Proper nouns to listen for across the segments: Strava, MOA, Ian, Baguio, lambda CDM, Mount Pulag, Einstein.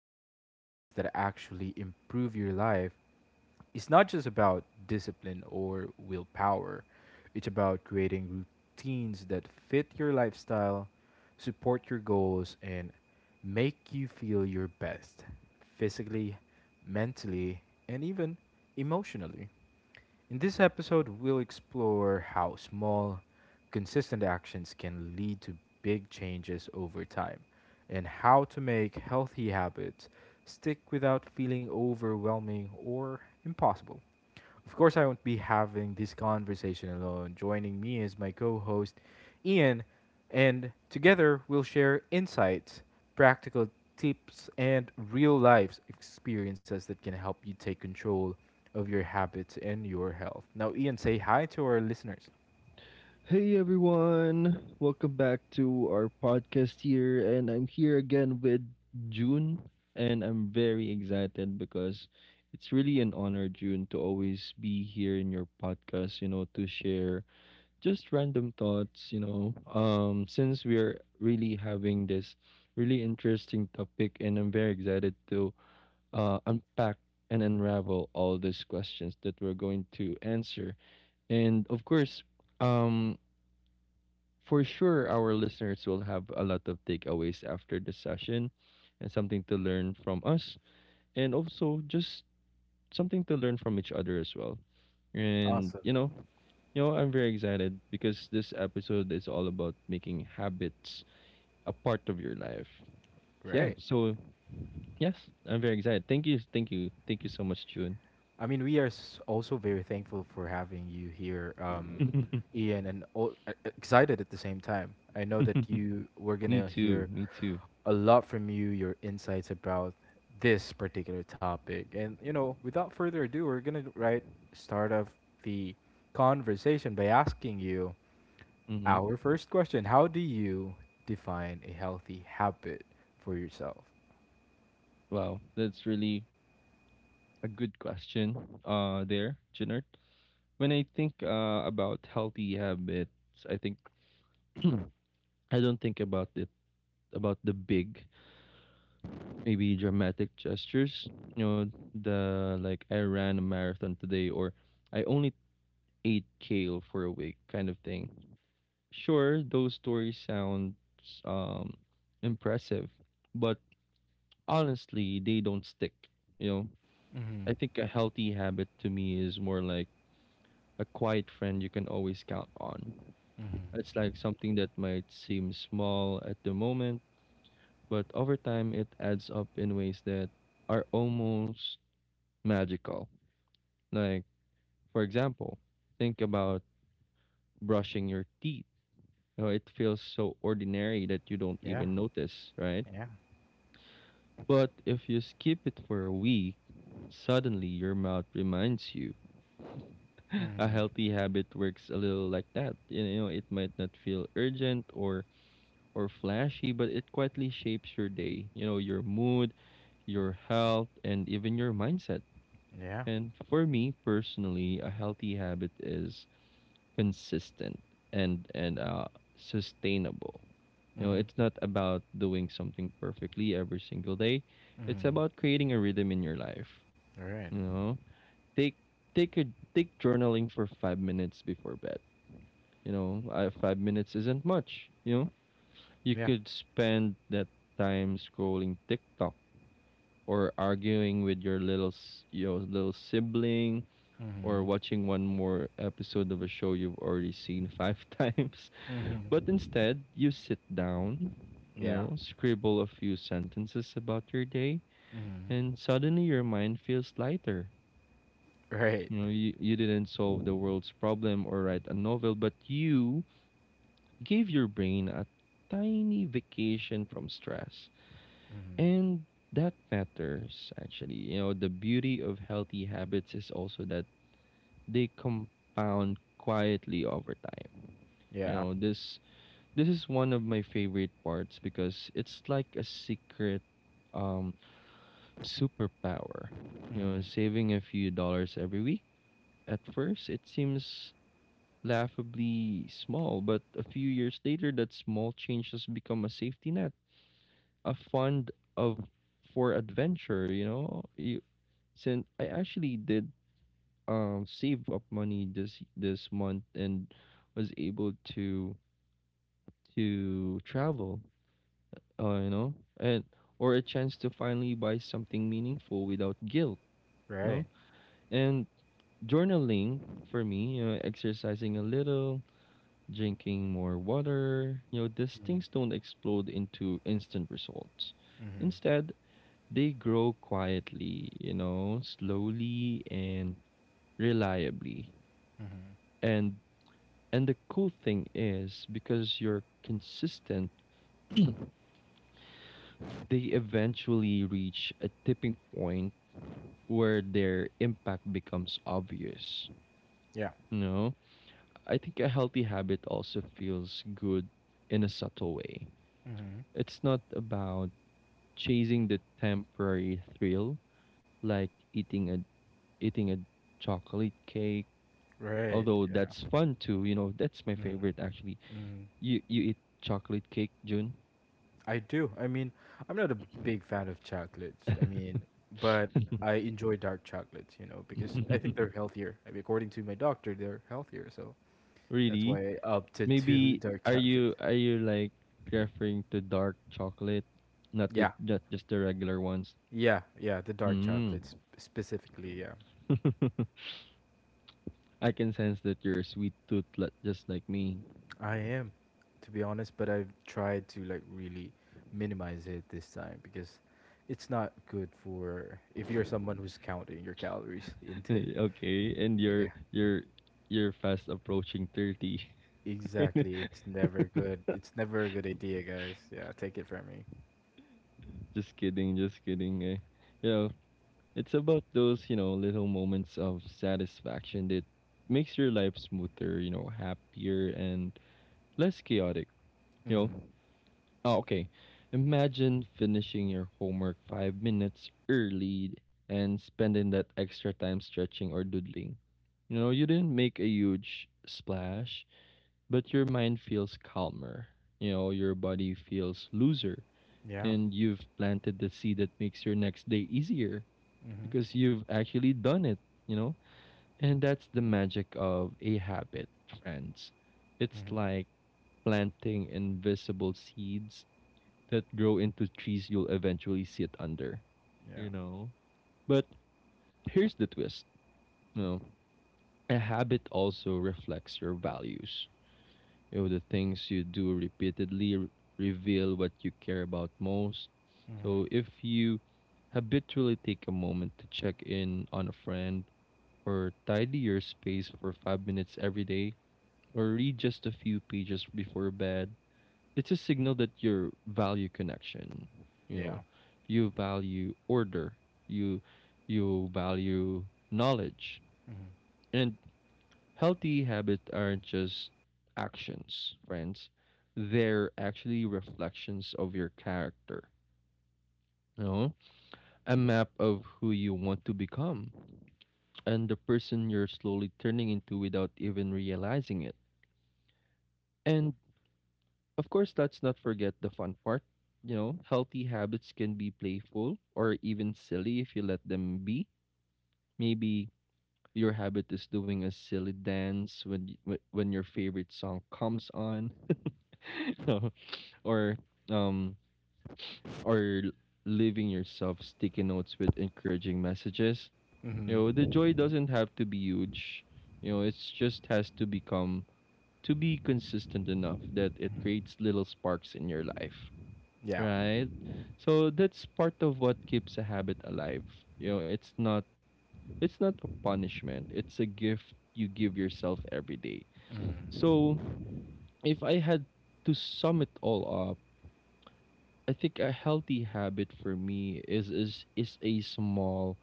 building habits that actually improve your life, it's not just about discipline or willpower. It's about creating routines that fit your lifestyle, support your goals, and make you feel your best physically, mentally, and even emotionally. In this episode, we'll explore how small, consistent actions can lead to big changes over time and how to make healthy habits stick without feeling overwhelming or impossible. Of course, I won't be having this conversation alone. Joining me is my co host, Ian, and together we'll share insights, practical tips, and real life experiences that can help you take control of your habits and your health. Now, Ian, say hi to our listeners. Hey everyone, welcome back to our podcast here, and I'm here again with June, and I'm very excited because it's really an honor, June, to always be here in your podcast, to share just random thoughts. Since we're really having this really interesting topic, and I'm very excited to unpack and unravel all these questions that we're going to answer. And of course, um for sure our listeners will have a lot of takeaways after the session and something to learn from us and also just something to learn from each other as well. And Awesome. You know I'm very excited because this episode is all about making habits a part of your life. yeah Right. so yes, I'm very excited. Thank you so much, June. I mean, we are also very thankful for having you here, Ian, and all, excited at the same time. I know that you we're me gonna too hear me too a lot from you, your insights about this particular topic. And, you know, without further ado, we're going to right start off the conversation by asking you Hmm. our first question: How do you define a healthy habit for yourself? Wow, that's really a good question, there, Junard. When I think about healthy habits, I think I don't think about it about the big, maybe dramatic gestures. You know, the like I ran a marathon today, or I only ate kale for a week, kind of thing. Sure, those stories sound um impressive, but honestly, they don't stick. You know, Mm-hmm. I think a healthy habit to me is more like a quiet friend you can always count on. Mm-hmm. It's like something that might seem small at the moment, but over time it adds up in ways that are almost magical. Like, for example, think about brushing your teeth. You know, it feels so ordinary that you don't Yeah, even notice, right? yeah. But if you skip it for a week, suddenly your mouth reminds you. A Mm-hmm. healthy habit works a little like that. You know, it might not feel urgent or flashy, but it quietly shapes your day, you know, your mood, your health, and even your mindset. Yeah. And for me personally, a healthy habit is consistent and sustainable. You know, Mm-hmm. it's not about doing something perfectly every single day. It's Mm-hmm. about creating a rhythm in your life. All right. You know, take take a take journaling for 5 minutes before bed. You know, 5 minutes isn't much. You know, you Yeah. could spend that time scrolling TikTok or arguing with your your little sibling or Mm-hmm. watching one more episode of a show you've already seen five times. But Mm-hmm. instead, you sit down, you Yeah. know, scribble a few sentences about your day, Mm-hmm. and suddenly your mind feels lighter. Right. You know, you didn't solve the world's problem or write a novel, but you gave your brain a tiny vacation from stress. Mm-hmm. And that matters, actually. You know, the beauty of healthy habits is also that they compound quietly over time. You Yeah. know, this is one of my favorite parts because it's like a secret um superpower. You know, Mm-hmm. saving a few dollars every week, at first it seems laughably small, but a few years later that small change has become a safety net, a fund of for adventure, you know. You Since I actually did save up money this month and was able to travel, you know, and or a chance to finally buy something meaningful without guilt, Right. no? And journaling for me, you know, exercising a little, drinking more water, you know, these things don't explode into instant results. Mhm, Instead, they grow quietly, you know, slowly and reliably, mhm. and and the cool thing is because you're consistent they eventually reach a tipping point where their impact becomes obvious, Yeah. you know. I think a healthy habit also feels good in a subtle way. Mhm. It's not about chasing the temporary thrill like eating a chocolate cake, Right, although yeah. that's fun too, you know, that's my Mhm, favorite actually. mhm. You eat chocolate cake, June? I do. I mean, I'm not a big fan of chocolates. I mean, but I enjoy dark chocolates, you know, because I think they're healthier. I mean, according to my doctor, they're healthier, so that's why Really? I opted to Maybe, dark chocolate. Are you like referring to dark chocolate, not the Yeah. not just the regular ones? Yeah, yeah, the dark chocolates Mm. specifically, yeah. I can sense that you're a sweet tooth, just like me. I am, to be honest, but I've tried to like really minimize it this time because it's not good for if you're someone who's counting your calories intake. Okay, and Yeah, you're fast approaching 30. exactly. It's never good. It's never a good idea, guys. Yeah, take it from me. Just kidding, just kidding. Eh. You know, it's about those, you know, little moments of satisfaction that makes your life smoother, you know, happier and less chaotic, you know. Mhm. Oh, okay. Imagine finishing your homework 5 minutes early and spending that extra time stretching or doodling. You know, you didn't make a huge splash, but your mind feels calmer. You know, your body feels looser, Yeah. and you've planted the seed that makes your next day easier Mhm. because you've actually done it, you know? And that's the magic of a habit, friends. It's Mhm. like planting invisible seeds that grow into trees you'll eventually sit under, you Yeah. know? But here's the twist. You know, a habit also reflects your values. You know, the things you do repeatedly reveal what you care about most. Mhm. So if you habitually take a moment to check in on a friend or tidy your space for 5 minutes every day or read just a few pages before bed, it's a signal that you value connection, you know, Yeah. you value order, you you value knowledge. Mhm. And healthy habits aren't just actions, friends, they're actually reflections of your character, you know, a map of who you want to become and the person you're slowly turning into without even realizing it. And of course, let's not forget the fun part. You know, healthy habits can be playful or even silly if you let them be. Maybe your habit is doing a silly dance when when your favorite song comes on, or um or leaving yourself sticky notes with encouraging messages. You know, the joy Mhm. doesn't have to be huge. You know, it's just has to become to be consistent enough that it Mhm. creates little sparks in your life, Yeah. right? So that's part of what keeps a habit alive. You know, it's not a punishment. It's a gift you give yourself every day. So Mhm. if I had to sum it all up, I think a healthy habit for me is a small,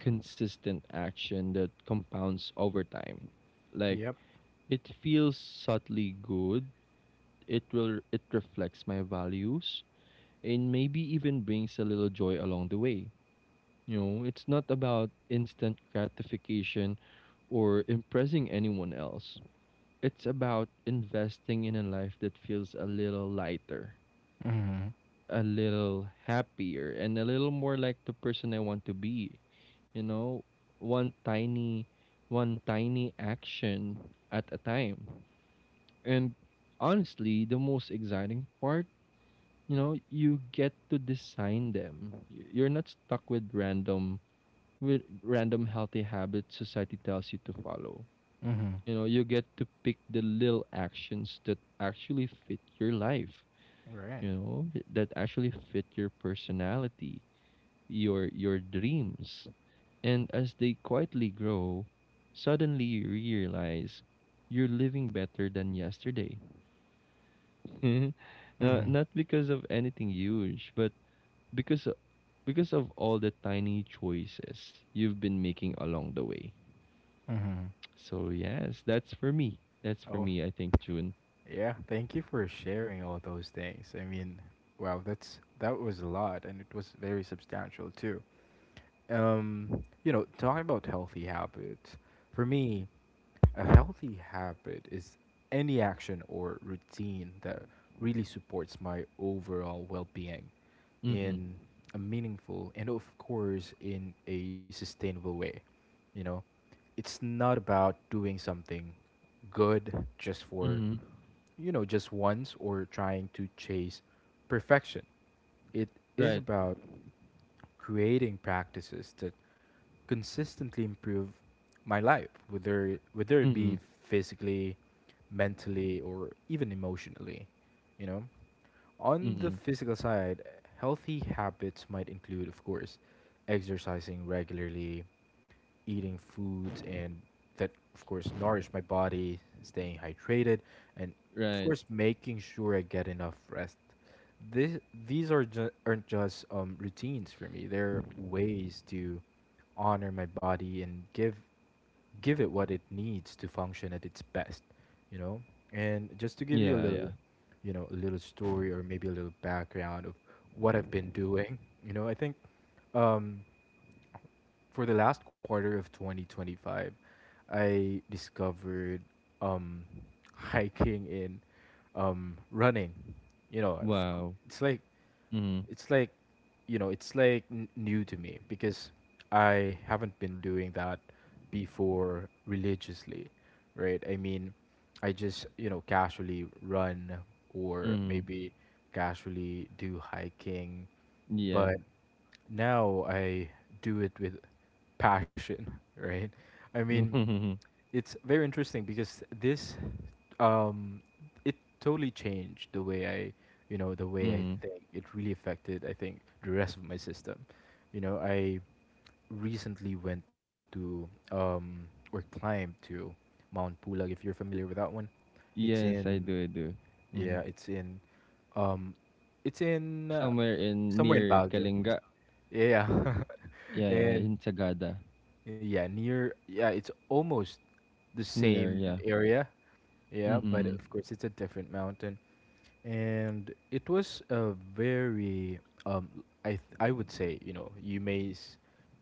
consistent action that compounds over time. Like, Yep. it feels subtly good. It reflects my values and maybe even brings a little joy along the way. You know, it's not about instant gratification or impressing anyone else. It's about investing in a life that feels a little lighter, Mhm. a little happier, and a little more like the person I want to be. You know, one tiny, one tiny action at a time. And honestly, the most exciting part, you know, you get to design them. You're not stuck with random healthy habits society tells you to follow. Mhm. You know, you get to pick the little actions that actually fit your life, Right. you know, that actually fit your personality, your dreams. And as they quietly grow, suddenly you realize you're living better than yesterday. Now, Mhm. not because of anything huge, but because because of all the tiny choices you've been making along the way. Mhm. So yes, that's for me. That's for Oh. me, I think, June. Yeah, thank you for sharing all those things. I mean, wow, that was a lot and it was very substantial too. You know, talking about healthy habits, for me, a healthy habit is any action or routine that really supports my overall well-being Mm-mm. in a meaningful and of course in a sustainable way, you know. It's not about doing something good just for Mm-hmm. Just once or trying to chase perfection. It is Right. about creating practices that consistently improve my life, whether it Mm-mm. be physically, mentally, or even emotionally. You know, Mm-hmm. on the physical side, healthy habits might include, of course, exercising regularly, eating foods and that of course nourish my body, staying hydrated, and of Right. course making sure I get enough rest. This, these are aren't just routines for me. They're ways to honor my body and give it what it needs to function at its best, you know? And just to give Yeah. you a Yeah. little, you know, a little story or maybe a little background of what I've been doing, you know, I think um for the last quarter of 2025, I discovered um, hiking and running. You Wow. know, Mm-hmm. it's like it's like new to me because I haven't been doing that before religiously, right? I mean, I just casually run or Mm-hmm. maybe casually do hiking Yeah. but now I do it with passion, right? I mean, Mm-hmm. it's very interesting because this um it totally changed the way I, you know, the way Mm-hmm. I think. It really affected, I think, the rest of my system. You know, I recently went to um or climbed to Mount Pulag if you're familiar with that one. It's Yes, I in do. I do. Mm-hmm. yeah, it's in, um, it's in uh, Somewhere in somewhere in near Baguio. Kalinga. Yeah, Yeah. Yeah. and In Sagada. yeah, near. Yeah, it's almost the It's near. same Yeah. area. Yeah, but Mm-hmm. of course it's a different mountain, and it was a very um. I would say you may s-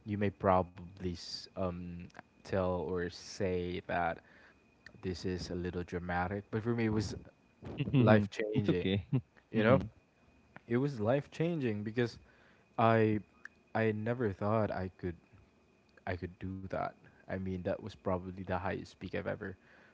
you may probably s- um tell or say that this is a little dramatic, but for me it was life It's changing. okay. You know, Mm-hmm. it was life changing because I I never thought I could. I could do that. I mean, that was probably the highest peak I've ever,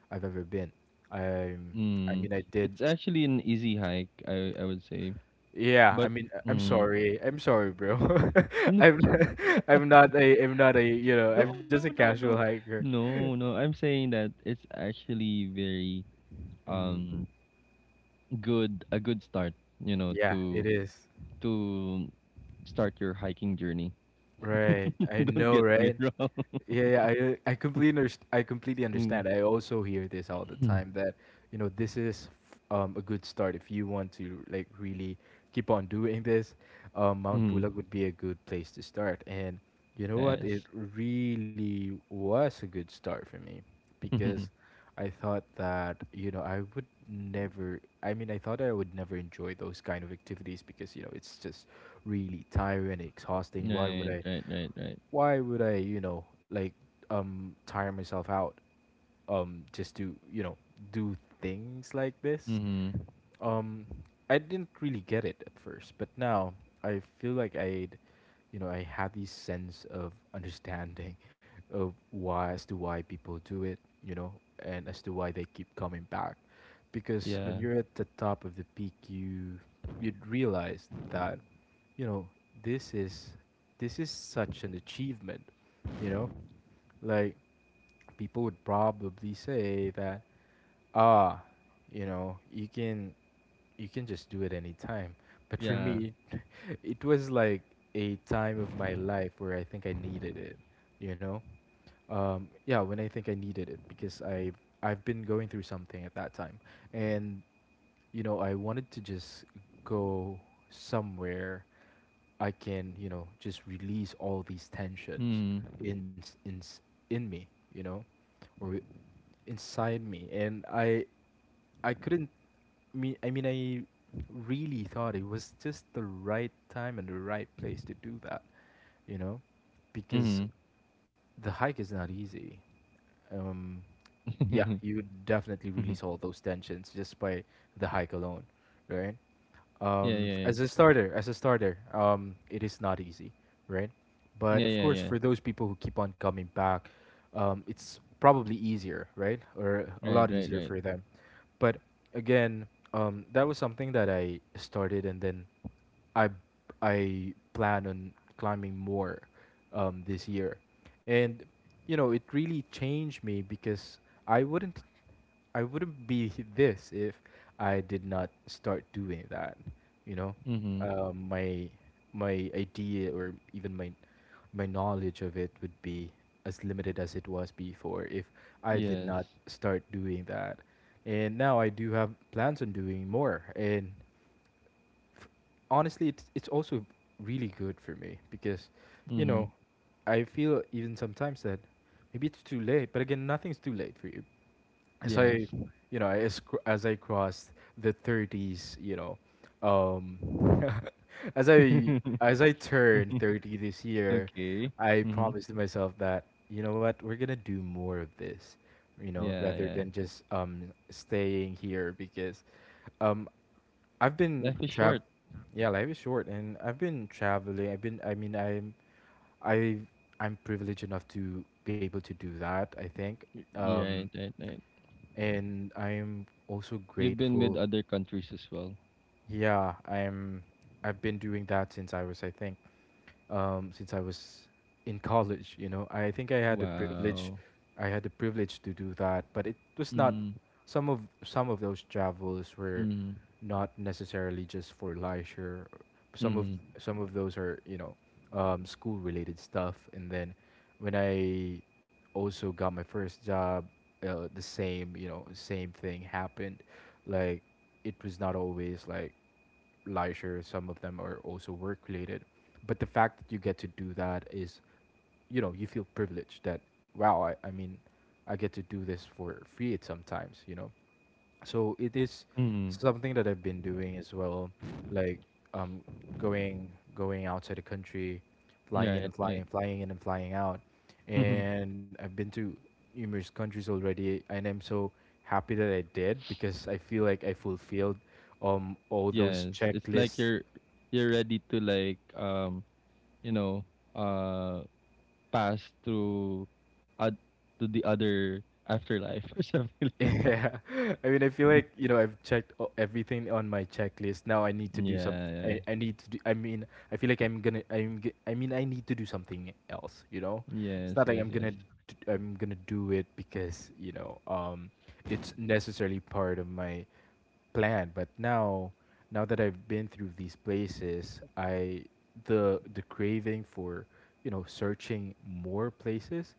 I've ever been. I'm. I Mm. mean, I did. It's actually an easy hike, I would say, Yeah. I but. mean, I'm Mm. sorry. I'm sorry, bro. I'm not, I'm not a. I'm not a. I'm No, just a no, no, casual no. hiker. No, no. I'm saying that it's actually very Mm, um good, a good start, you know, yeah. It is. to start your hiking journey. Right. I Don't know. get me Right. wrong. Yeah, yeah, I completely Mm. understand. I also hear this all the time that this is a good start if you want to like really keep on doing this. Mount Mm. Pulag would be a good place to start, and you know what? Yes. It really was a good start for me because I thought that I would never. I mean, I thought I would never enjoy those kind of activities because it's just really tiring and exhausting. Why would Right, I? right, right, right. Why would I, like tire myself out just to, do things like this? Mm-hmm. Um, I didn't really get it at first, but now I feel like I have this sense of understanding of why as to why people do it, you know, and as to why they keep coming back. Because when Yeah. you're at the top of the peak, you'd realize that, you know, this is this is such an achievement, you know, like people would probably say that ah, you know, you can you can just do it anytime. But for Yeah. me, it was like a time of my life where I think I needed it, you know? Yeah, when I think I needed it because I've been going through something at that time, and I wanted to just go somewhere I can just release all these tensions Mm. in s- in s- in me, you know, or inside me, and I couldn't mean I really thought it was just the right time and the right place to do that, you know, because Mm-hmm. the hike is not easy. Um, yeah, you would definitely release all those tensions just by the hike alone, right? Yeah, yeah, yeah. As a starter, it is not easy, right? But Yeah, of yeah, course, yeah. for those people who keep on coming back, it's probably easier, right? Or a Right, lot right, easier right. for them. But again, that was something that I started, and then I I plan on climbing more this year, and it really changed me because I wouldn't. I wouldn't be this if I did not start doing that. You know, Mm-hmm. um, my my idea or even my knowledge of it would be as limited as it was before if I did not Yes. start doing that. And now I do have plans on doing more. And f- honestly, it's also really good for me because, you Mm-hmm. know, I feel even sometimes that maybe it's too late. But again, nothing's too late for you as I, Yes. you know, as cr- as I crossed the 30s, um, as I turn 30 this year, Okay. I Mm-hmm. promised myself that you know what, we're gonna do more of this, Yeah, rather yeah. than just staying here because, um, I've been Life is short. yeah, life is short, and I've been traveling. I've been, I mean, I I'm privileged enough to be able to do that. I think. Y- Yeah, Um, right, right, right. and I'm also You've been with grateful. other countries as well. Yeah, I've been doing that since I think, since I was in college. You know, I think I had the privilege, Wow. I had the privilege to do that, but it was not. Mm-hmm. Some of those travels were Mm-hmm. not necessarily just for leisure. Some of Mm-hmm. some of those are school related stuff, and then when I also got my first job, the same same thing happened. Like it was not always like leisure, some of them are also work related. But the fact that you get to do that is, you feel privileged that, wow, I mean, I get to do this for free at sometimes. So it is Mm-hmm. something that I've been doing as well, like um, going outside the country, Right, right. flying in and flying out, and I've been to numerous countries already, and I'm so happy that I did because I feel like I fulfilled all those Yes. It's like checklists. you're ready to like, you know, uh pass through, uh, to the other afterlife or something like that. Yeah. I mean, I feel like, I've everything on my checklist. Now I need to do some Yeah, yeah. I need to do I mean, I feel like I mean, I need to do something else, you know? Yeah. It's Yes, not like yes, yes. I'm gonna do it because, it's necessarily part of my plan, but now that I've been through these places, I the craving for, you know, searching more places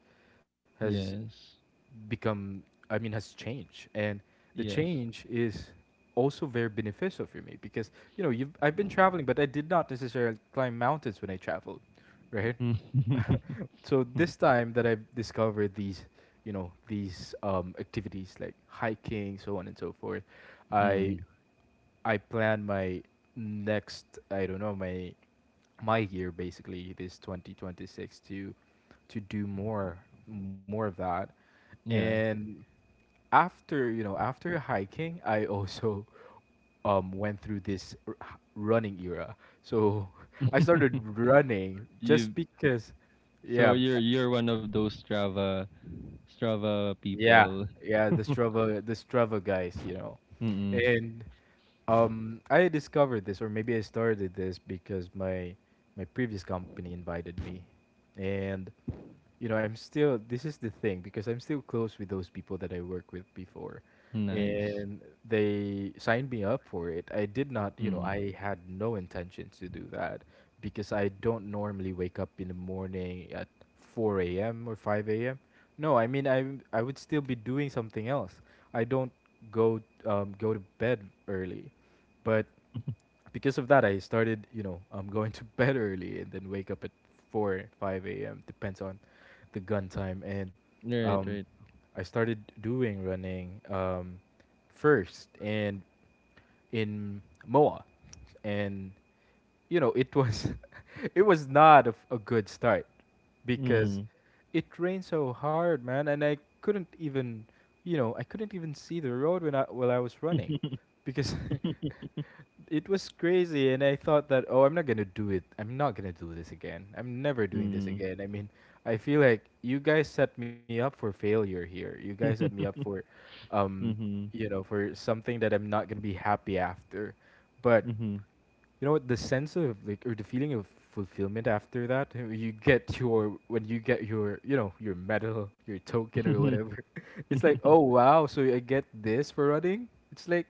has Yes. become I mean has changed, and the Yes. change is also very beneficial for me. Because I've been traveling, but I did not necessarily climb mountains when I traveled, right? So this time that I've discovered these, you know, these activities like hiking, so on and so forth, i Mm-hmm. I plan my next, I don't know, my year, basically this 2026, to do more, more of that. Yeah. And after, you know, after hiking, I also went through this running era. So I started running just you because. So Yeah. You're one of those Strava Yeah, people. yeah, the Strava guys, you know. Mm-mm. And I discovered this, or maybe I started this because my previous company invited me, and you know, I'm still, this is the thing, because I'm still close with those people that I worked with before. Nice. And they signed me up for it. I did not, you know, Mm. I had no intentions to do that, because I don't normally wake up in the morning at 4 a.m. or 5 a.m. No, I mean I would still be doing something else. I don't go to bed early, but because of that, I started, you know, going to bed early and then wake up at 4, 5 a.m. Depends on the gun time. And Right, um, right. I started doing running first and in MOA. And, you know, it was it was not a, a good start, because Mm. it rained so hard, man, and I couldn't even, you know, I couldn't even see the road when I while I was running, because it was crazy. And I thought that, oh, I'm not going to do it, I'm not going to do this again, I'm never doing this Mm. again. I mean, I feel like you guys set me up for failure here, you guys set me up for um Mm-hmm. you know, for something that I'm not going to be happy after. But Mm-hmm. you know what, the sense of like, or the feeling of fulfillment after that, you get your when you get your, you know, your medal, your token, or whatever. It's like, Mm-hmm. oh wow, so I get this for running? It's like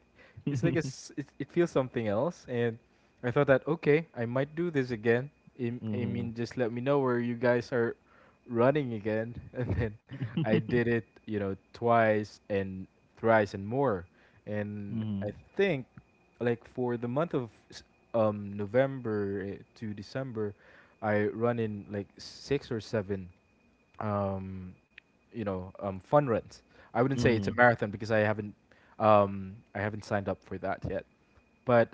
it's like a s it feels something else. And I thought that, okay, I might do this again. I Mm-hmm. mean, just let me know where you guys are running again. And then I did it, you know, twice and thrice and more. And I Mm-hmm. think, like, for the month of November, to December, I run in like six or seven, um, you know, fun runs. I wouldn't say it's a marathon because I haven't signed up for that yet. But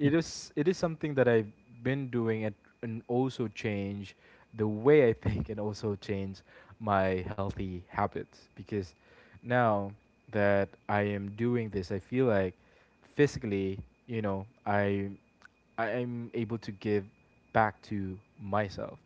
it is, it is something that I've been doing, and also change the way I think, and also change my healthy habits. Because now that I am doing this, I feel like physically, you know, I am able to give back to myself,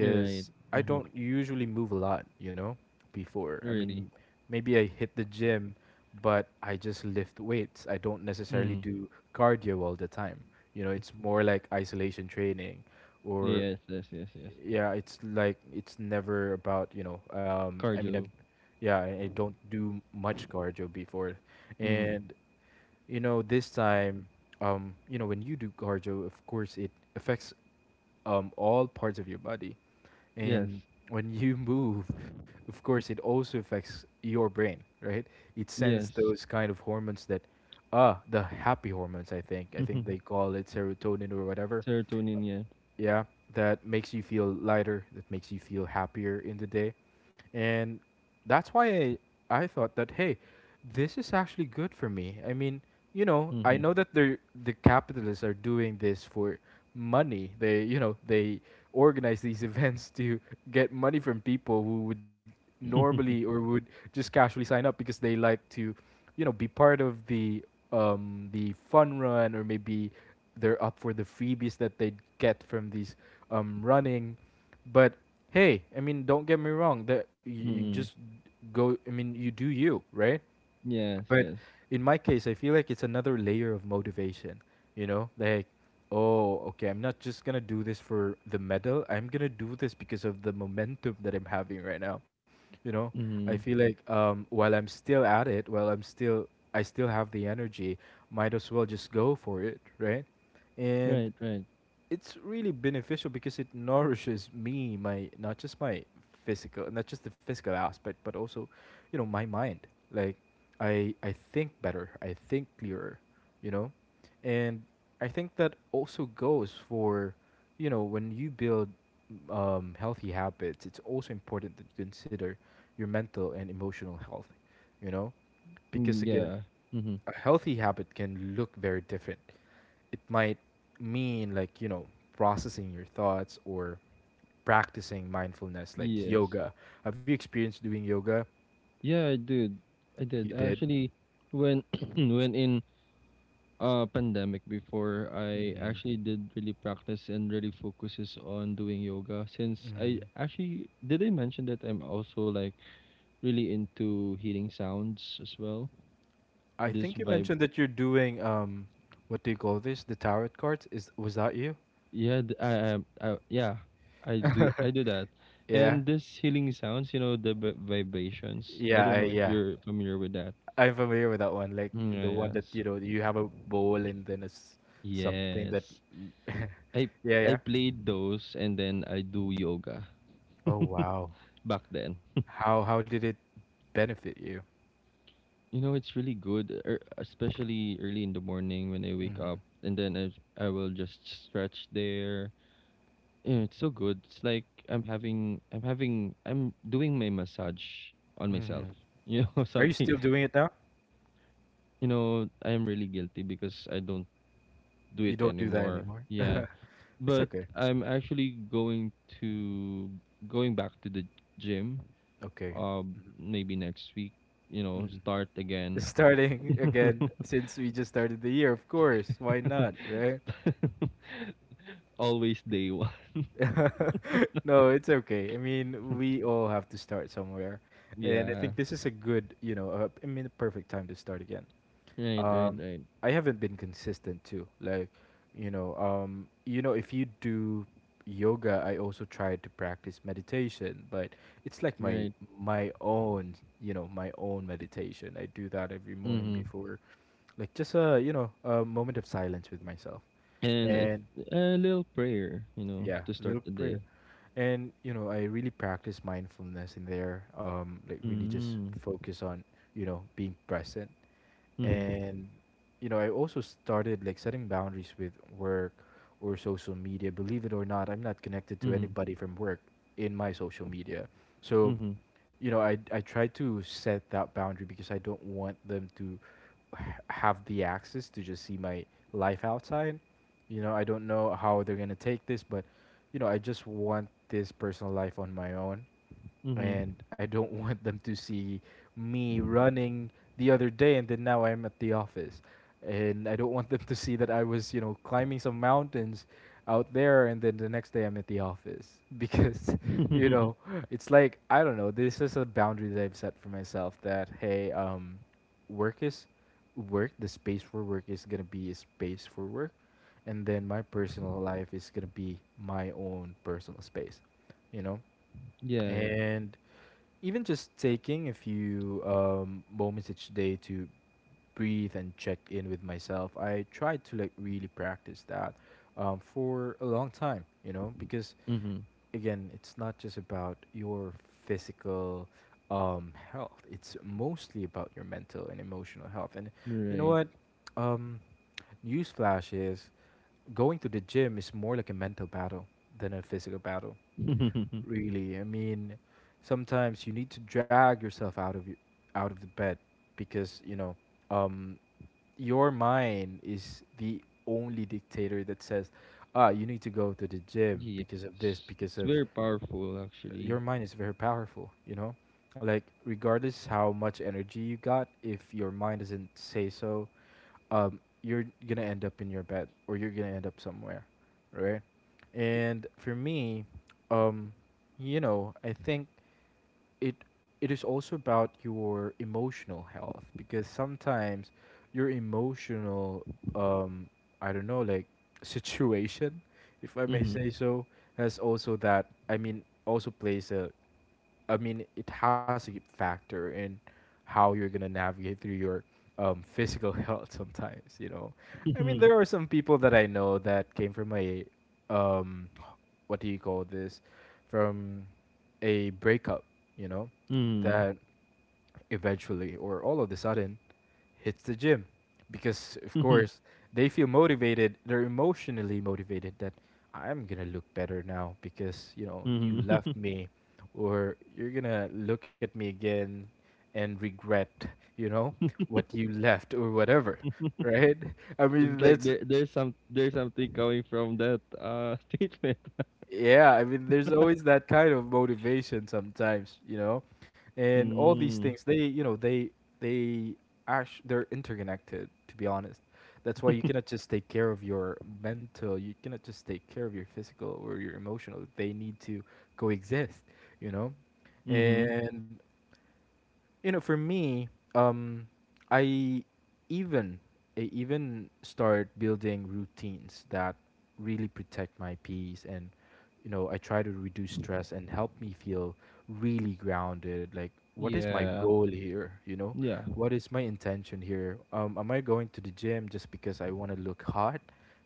Right. I Mm-hmm. don't usually move a lot, you know, before. I Really. mean, maybe I hit the gym, but I just lift weights. I don't necessarily Mm-hmm. do cardio all the time. You know, it's more like isolation training or Yes, yes, yes, yes. yeah, it's like it's never about, you know, I mean I Cardio. yeah, I don't do much cardio before. Mm-hmm. And you know, this time, um, you know, when you do cardio, of course it affects all parts of your body. Yes. And when you move, of course it also affects your brain, right? It sends Yes. those kind of hormones that, ah, the happy hormones, I think they call it serotonin or whatever. Serotonin, yeah. Yeah, that makes you feel lighter, that makes you feel happier in the day. And that's why I thought that, hey, this is actually good for me. I mean, you know, I Mm-hmm. know that the capitalists are doing this for money. They, you know, they organize these events to get money from people who would normally, or would just casually sign up because they like to, you know, be part of the fun run. Or maybe they're up for the freebies that they get from these running. But hey, I mean, don't get me wrong. That you, just Mm. go. I mean, you do you, right? Yes, But yes. in my case, I feel like it's another layer of motivation, you know? Like, oh, okay, I'm not just gonna do this for the medal. I'm gonna do this because of the momentum that I'm having right now. You know, I feel Mhm. like while I'm still at it, while I'm still, I still have the energy, might as well just go for it, right? And Right, right. it's really beneficial because it nourishes me, my, not just my physical, not just the physical aspect, but also, you know, my mind. Like I think better, I think clearer, you know. And I think that also goes for, you know, when you build healthy habits, it's also important that you consider your mental and emotional health, you know, because Mm, again, yeah. Mhm. a healthy habit can look very different. It might mean, like, you know, processing your thoughts, or practicing mindfulness, like Yes. yoga. Have you experienced doing yoga? Yeah, I did. I You did. did. Actually, when when in pandemic before, I Mm-hmm. actually did really practice and really focuses on doing yoga, since I Hmm, actually did, I mention that I'm also like really into hearing sounds as well. I This think you mentioned that you're doing um, what do you call this, the tarot cards, is, was that you? Yeah, I do that. Yeah, And this healing sounds, you know, the b vibrations. I yeah, don't know if yeah, you're familiar with that. I'm familiar with that one, like Mm, yeah, the one that, yes, you know, you have a bowl and then it's something that yes. I yeah, I yeah. played those, and then I do yoga Oh wow, back then. how did it benefit you? You know, it's really good, especially early in the morning when I wake up, and then I will just stretch there. Yeah, it's so good. It's like I'm doing my massage on Mm-hmm. myself. You Are know, you still doing it now? I am really guilty because I don't do You it don't do that anymore. anymore. Yeah. It's But okay. I'm actually to going back to the gym Okay. uh maybe next week, you know, Hmm. start again. Starting again, since we just started the year, of course. Why not, right? Always day one. No, it's okay. I mean, we all have to start somewhere, and I Yeah. think this is a good, you know, I mean, a perfect time to start again. Right, right, Um, right. I haven't been consistent too. Like, you know, um, you know, if you do yoga, I also try to practice meditation, but it's like my Right. my own, you know, my own meditation. I do that every morning Mm-hmm. before, like just a, you know, a moment of silence with myself. And it's And a little prayer, you know, yeah, to start little the prayer. day. And you know, I really practice mindfulness in there. Um, like really just Mm-hmm. focus on, you know, being present. Mm-hmm. And you know, I also started, like, setting boundaries with work or social media. Believe it or not, I'm not connected to Mm-hmm. anybody from work in my social media. So Mm-hmm. you know, I try to set that boundary, because I don't want them to have the access to just see my life outside. You know, I don't know how they're going to take this, but you know, I just want this personal life on my own. And I don't want them to see me running the other day and then now I'm at the office. And I don't want them to see that I was, you know, climbing some mountains out there and then the next day I'm at the office because you Mm-hmm. know, it's like I don't know, this is a boundary that I've set for myself. That, hey, um, work is work, the space for work is going to be a space for work, and then my personal life is going to be my own personal space, you know? Yeah, yeah. And even just taking a few moments each day to breathe and check in with myself, I tried to like really practice that for a long time, you know, because Mhm. again, it's not just about your physical health, it's mostly about your mental and emotional health. And you know Right. what? Um, newsflash is, going to the gym is more like a mental battle than a physical battle. Really, I mean, sometimes you need to drag yourself out of out of the bed, because you know, um, your mind is the only dictator that says, "Ah, you need to go to the gym Yes. because of this, because It's of very powerful actually. your mind is very powerful." You know, like regardless how much energy you got, if your mind doesn't say so, you're gonna end up in your bed or you're gonna end up somewhere, right? And for me, um, I think it it is also about your emotional health because sometimes your emotional um I don't know, like, situation, if I may Mhm. say so, has also, that also plays a, it has a factor in how you're gonna navigate through your physical health sometimes, you know. I mean, Mhm. there are some people that I know that came from a um call this, from a breakup, you know, that eventually or all of the sudden hits the gym because, of course, they feel motivated, they're emotionally motivated that I'm gonna look better now because, you know, you left Mhm. me or you're gonna look at me again and regret, you know, what you left or whatever, right? I It's mean, like that's, there there's some there's something coming from that statement. yeah, I mean, there's always that kind of motivation sometimes, you know, and all these Mm. things they, you know, they are they're interconnected. To be honest, that's why you cannot just take care of your mental, you cannot just take care of your physical or your emotional. They need to coexist, you know, Mhm. and you know, for me, um, I even I even start building routines that really protect my peace, and, you know, I try to reduce stress and help me feel really grounded. Like, what is my Yeah. goal here? You know, Yeah. what is my intention here? Am I going to the gym just because I want to look hot?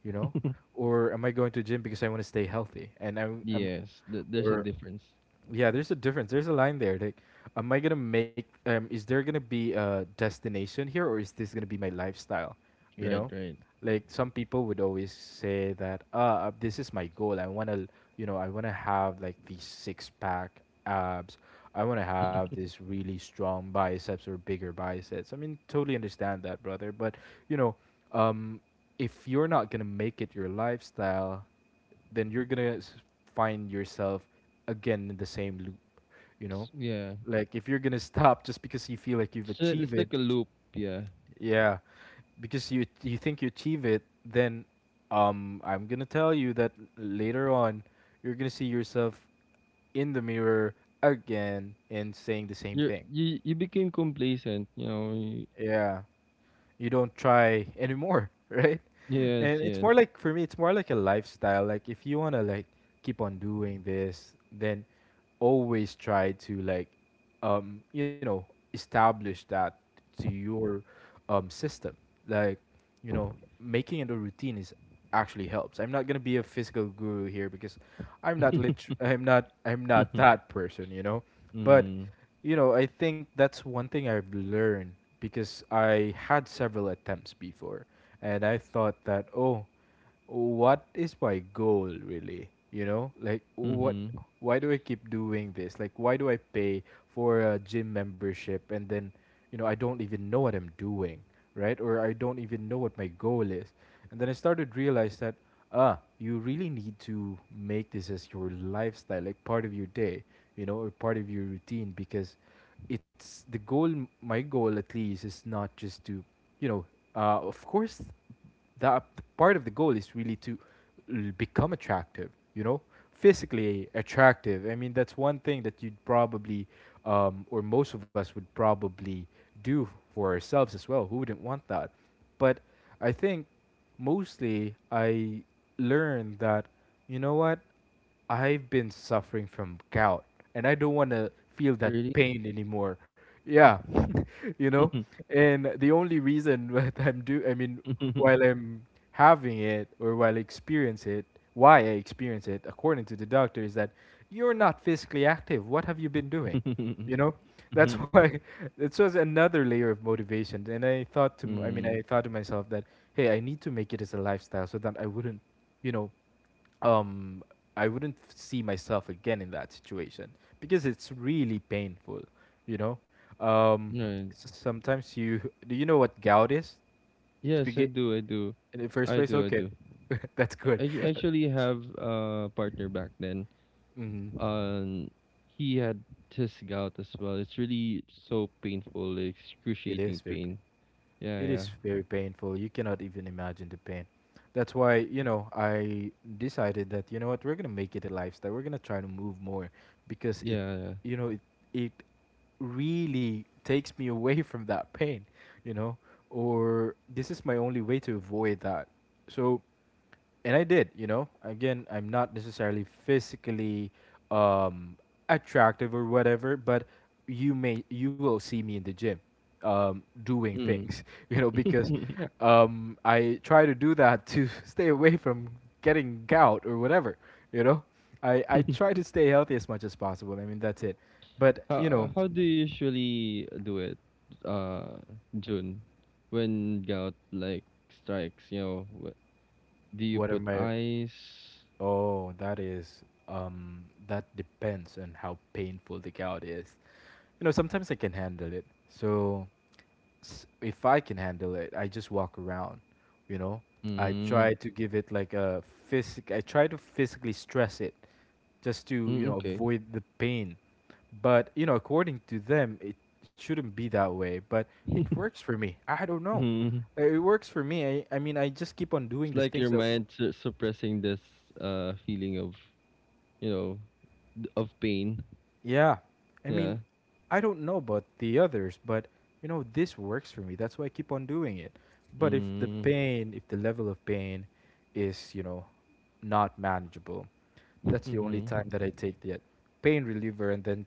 You know, or am I going to the gym because I want to stay healthy? And I'm, Yes. There's a or difference. yeah, there's a difference. There's a line there. Like, am I gonna make? Is there gonna be a destination here, or is this gonna be my lifestyle? You Right, know, right. like some people would always say that, ah, this is my goal. I wanna, you know, I wanna have like these six pack abs. I wanna have this really strong biceps or bigger biceps. I mean, totally understand that, brother. But you know, um, if you're not gonna make it your lifestyle, then you're gonna find yourself again in the same loop, you know. Yeah. Like if you're gonna stop just because you feel like you've It's achieved it, like a loop, yeah. yeah, because you think you achieve it, then I'm gonna tell you that later on you're gonna see yourself in the mirror again and saying the same You thing. you you became complacent, you know. Yeah, you don't try anymore, right? And Yes, it's yes. more like, for me, it's more like a lifestyle. Like if you wanna like keep on doing this, then always try to like you know, establish that to your system. Like, you know, making it a routine is actually helps. I'm not gonna be a physical guru here because I'm not lit. I'm not. I'm not that person. You know, but Mhm. you know, I think that's one thing I've learned because I had several attempts before, and I thought that, oh, what is my goal really, you know? Like, what, Mhm. why do I keep doing this? Like, why do I pay for a gym membership and then, you know, I don't even know what I'm doing, right? Or I don't even know what my goal is. And then I started realize that, ah, you really need to make this as your lifestyle, like part of your day, you know, or part of your routine, because it's the goal. My goal, at least, is not just to, you know, of course that part of the goal is really to become attractive, you know, physically attractive. I mean, that's one thing that you'd probably, or most of us would probably do for ourselves as well. Who wouldn't want that? But I think mostly I learned that, you know what, I've been suffering from gout, and I don't want to feel that Really? pain anymore. Yeah. You know? And the only reason that I mean, while I'm having it or while I experience it, why I experience it, according to the doctor, is that you're not physically active. What have you been doing? You know, that's why it was another layer of motivation. And I thought to, I mean, Mhm. I thought to myself that, hey, I need to make it as a lifestyle so that I wouldn't, you know, um, I wouldn't see myself again in that situation because it's really painful. You know, um, Right. Sometimes you, do you know what gout is? To Yes, I begin, do. I do. in the first I place. do. I Okay, do. that's good. I actually have a partner back then. Hmm. Um, he had his gout as well. It's really so painful, like, It is very, excruciating pain. It Yeah, is yeah, very painful. You cannot even imagine the pain. That's why, you know, I decided that, you know what, we're gonna make it a lifestyle. We're gonna try to move more, because it, yeah, you know, it really takes me away from that pain, you know, or this is my only way to avoid that. So, and I did, you know. Again, I'm not necessarily physically um, attractive or whatever, but you will see me in the gym doing yeah. things, you know, because Mm. I try to do that to stay away from getting gout or whatever, you know. I try to stay healthy as much as possible. I mean, that's it. But you How know, how do you usually do it, uh, June, when gout like strikes? You know, do you what are put my, ice? oh, that is, that depends on how painful the gout is, you know. Sometimes I can handle it. So if I can handle it, I just walk around, you know. Mm, I try to physically stress it just to, you mm, know, okay. avoid the pain. But, you know, according to them, it shouldn't be that way, but it works for me. I don't know. Mhm. It works for me. I mean, I just keep on It's doing the like your things that, mind suppressing this feeling of, you know, of pain. yeah, I Yeah. mean, I don't know about the others, but you know, this works for me. That's why I keep on doing it. But if the Mm, pain, if the level of pain is, you know, not manageable, that's the only mm-hmm. time that I take the pain reliever and then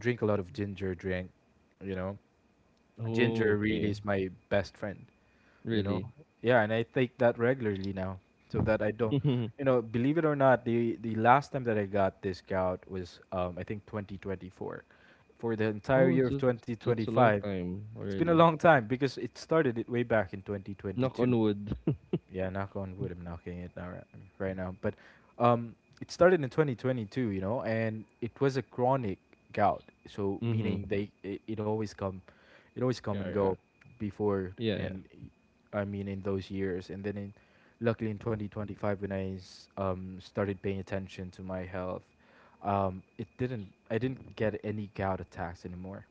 drink a lot of ginger drink, you know. Oh, Ginger really okay. is my best friend, you know. Really? Yeah, and I take that regularly now so that I don't, you know, believe it or not, the last time that I got this gout was, I think 2024. For the entire Oh, year of that's a long 2025 time it's been a already. long time, because it started it way back in Knock 2022. on wood. Yeah, knock on wood, I'm knocking it now, right, right now. But um, it started in 2022, you know, and it was a chronic gout. So Mm-hmm. meaning they, it, it always come Yeah, and yeah. go before, Yeah, yeah. and I mean in those years. And then in, luckily, in 2025 when I started paying attention to my health, it didn't I didn't get any gout attacks anymore,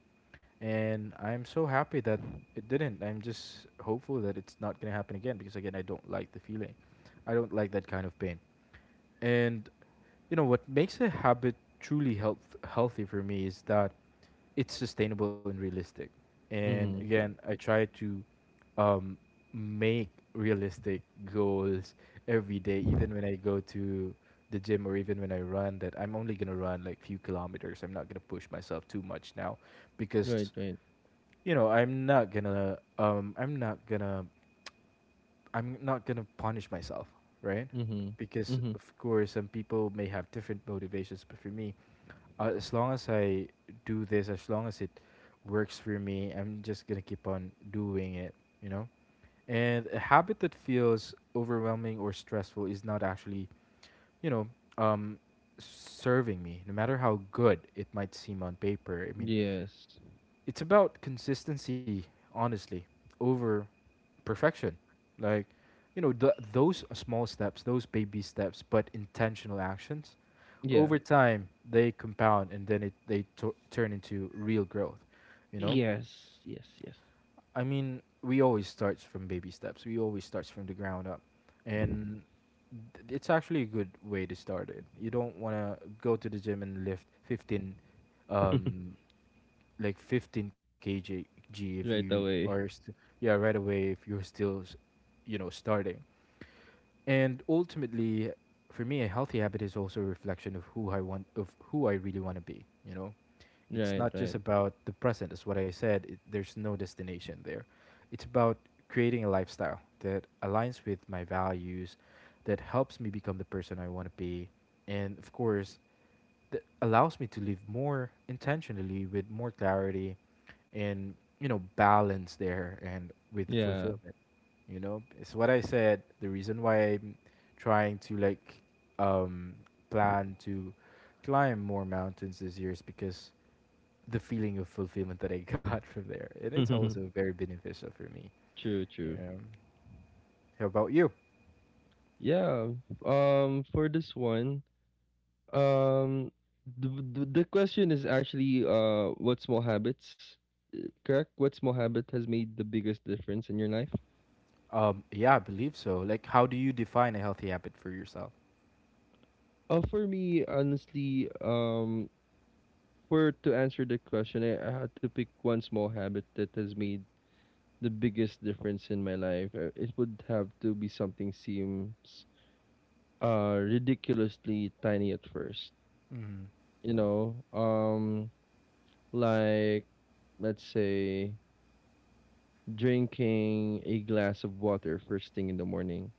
and I'm so happy that it didn't. I'm just hopeful that it's not going to happen again because, again, I don't like the feeling. I don't like that kind of pain. And you know what makes a habit truly healthy for me is that it's sustainable and realistic. And Mm-hmm. again, I try to um, make realistic goals every day, even when I go to the gym or even when I run. That I'm only gonna run like few kilometers. I'm not gonna push myself too much now, Right, because, right. you know, I'm not gonna punish myself, right? Mm-hmm. Because, Mm-hmm. of course, some people may have different motivations, but for me, as long as I do this as long as it works for me, I'm just gonna keep on doing it, you know. And a habit that feels overwhelming or stressful is not actually, you know, um serving me, no matter how good it might seem on paper. I mean, Yes. it's about consistency, honestly, over perfection. Like, you know, those small steps, those baby steps, but intentional actions, Yeah. over time, they compound, and then they turn into real growth, you know? Yes. Yes, yes. I mean, we always start from baby steps. We always start from the ground up. And it's actually a good way to start it. You don't want to go to the gym and lift 15, um, like 15 kg if you Right are, away. Yeah, right away, if you're still, you know, starting. And ultimately, for me, a healthy habit is also a reflection of who I want, of who I really want to be. You know, it's Right, not just right. about the present. As what I said, it, there's no destination there. It's about creating a lifestyle that aligns with my values, that helps me become the person I want to be, and of course, that allows me to live more intentionally with more clarity and balance there and with Yeah. fulfillment. It's what I said, the reason why I'm trying to um plan to climb more mountains this year is because the feeling of fulfillment that I got from there, and it's True, also very beneficial for me. true. you know how about you? Yeah. For this one, um, the question is actually, what small habits, correct? What small habit has made the biggest difference in your life? Yeah, I believe so. Like, how do you define a healthy habit for yourself? For me, honestly, for to answer the question, I had to pick one small habit that has made the biggest difference in my life. It would have to be something seems ridiculously tiny at first. Mm-hmm. You know, like let's say drinking a glass of water first thing in the morning.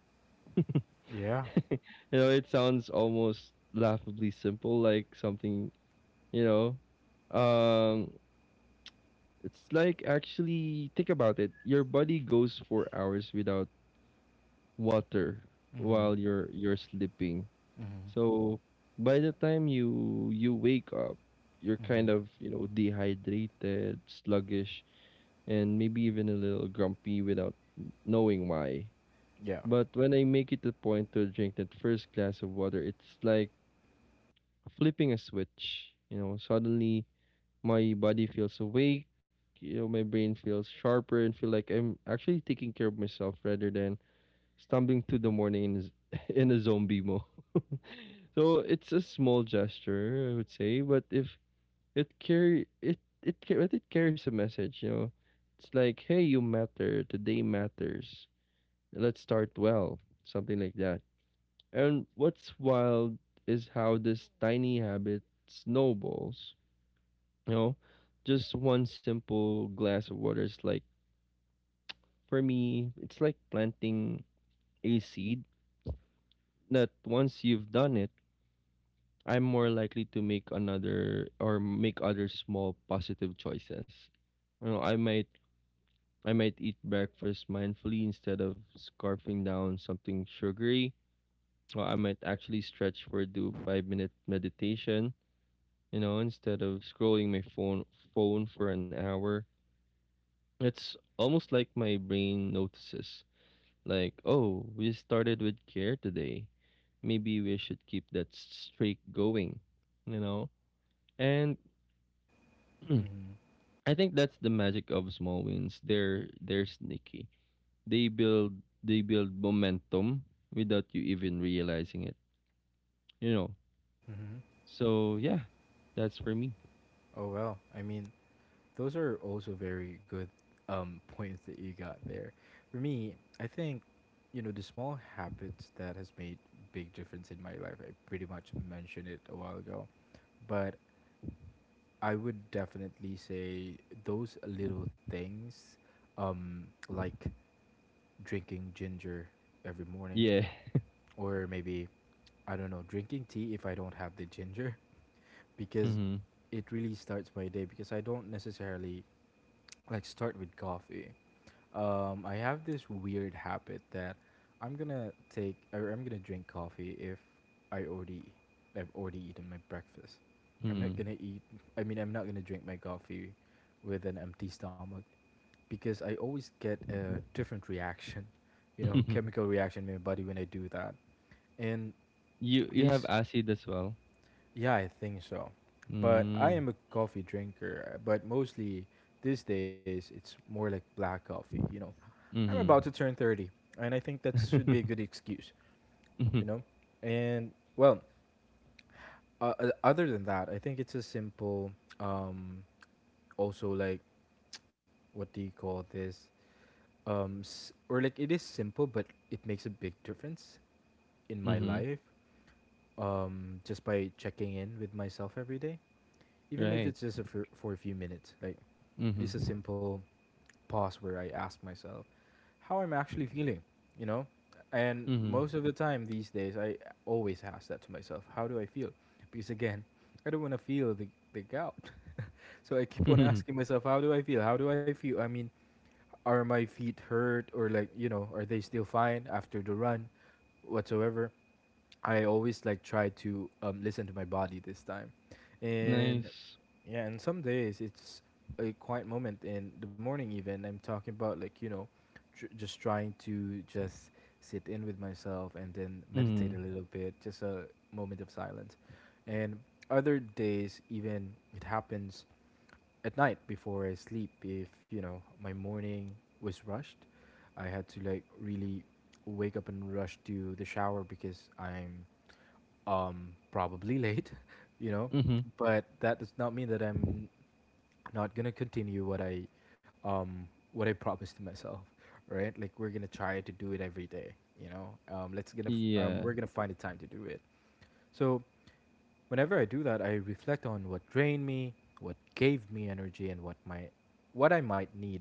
Yeah. You know, it sounds almost laughably simple, like something, you know, um, it's like, actually think about it. Your body goes for hours without water Mm-hmm. while you're sleeping. Mm-hmm. So by the time you wake up, you're Hmm. kind of, you know, dehydrated, sluggish, and maybe even a little grumpy without knowing why. Yeah. But when I make it a point to drink that first glass of water, it's like flipping a switch. You know, suddenly my body feels awake, you know, my brain feels sharper, and feel like I'm actually taking care of myself rather than stumbling through the morning in in a zombie mode. So it's a small gesture, I would say, but if it carry it it ca- but it carries a message, you know. It's like, hey, you matter. Today matters. Let's start well, something like that. And what's wild is how this tiny habit snowballs. You know, just one simple glass of water is like, for me, it's like planting a seed that once you've done it, I'm more likely to make another or make other small positive choices. You know, I might eat breakfast mindfully instead of scarfing down something sugary. Or I might actually stretch for do 5-minute meditation, you know, instead of scrolling my phone for an hour. It's almost like my brain notices. Like, oh, we started with care today. Maybe we should keep that streak going, you know? And Mm-hmm. I think that's the magic of small wins. They're sneaky. They build momentum without you even realizing it. You know. Mm-hmm. So yeah, that's for me. Oh well. I mean, those are also very good points that you got there. For me, I think, the small habits that has made big difference in my life, I pretty much mentioned it a while ago, but I would definitely say those little things, um, like drinking ginger every morning, Yeah. or maybe, I don't know, drinking tea if I don't have the ginger, because Hmm. it really starts my day because I don't necessarily like start with coffee. I have this weird habit that I'm gonna drink coffee if I already I've already eaten my breakfast. I'm not Hmm. gonna eat. I mean, I'm not gonna drink my coffee with an empty stomach because I always get a different reaction, you know, chemical reaction in my body when I do that. And You have these, acid as well. yeah, I think so. But I Hmm. am a coffee drinker, but mostly these days it's more like black coffee, you know. I'm about Hmm. to turn 30, and I think that should be a good excuse, Hmm. you know. And well, other than that, I think it's a simple um also like, what do you call this? Or like, it is simple, but it makes a big difference in my Hmm. life, just by checking in with myself every day, even if Right. it's just for a few minutes. Like, it is Mm-hmm. a simple pause where I ask myself how I'm actually feeling, you know? And Hmm. most of the time these days, I always ask that to myself: how do I feel? Because again, I don't want to feel the gout. So I keep on asking myself, how do I feel? How do I feel? I mean, are my feet hurt, or like, you know, are they still fine after the run, whatsoever? I always like try to listen to my body this time. And Nice. yeah, and some days it's a quiet moment in the morning. Even I'm talking about like, just trying to just sit in with myself and then meditate a Hmm. little bit, just a moment of silence. And other days, even it happens at night before I sleep. If you know my morning was rushed, I had to like really wake up and rush to the shower because I'm probably late, you know, Hmm. but that does not mean that I'm not gonna continue what I promised to myself, right? Like, we're gonna try to do it every day, you know. Yeah. We're gonna find the time to do it. So whenever I do that, I reflect on what drained me, what gave me energy, and what I might need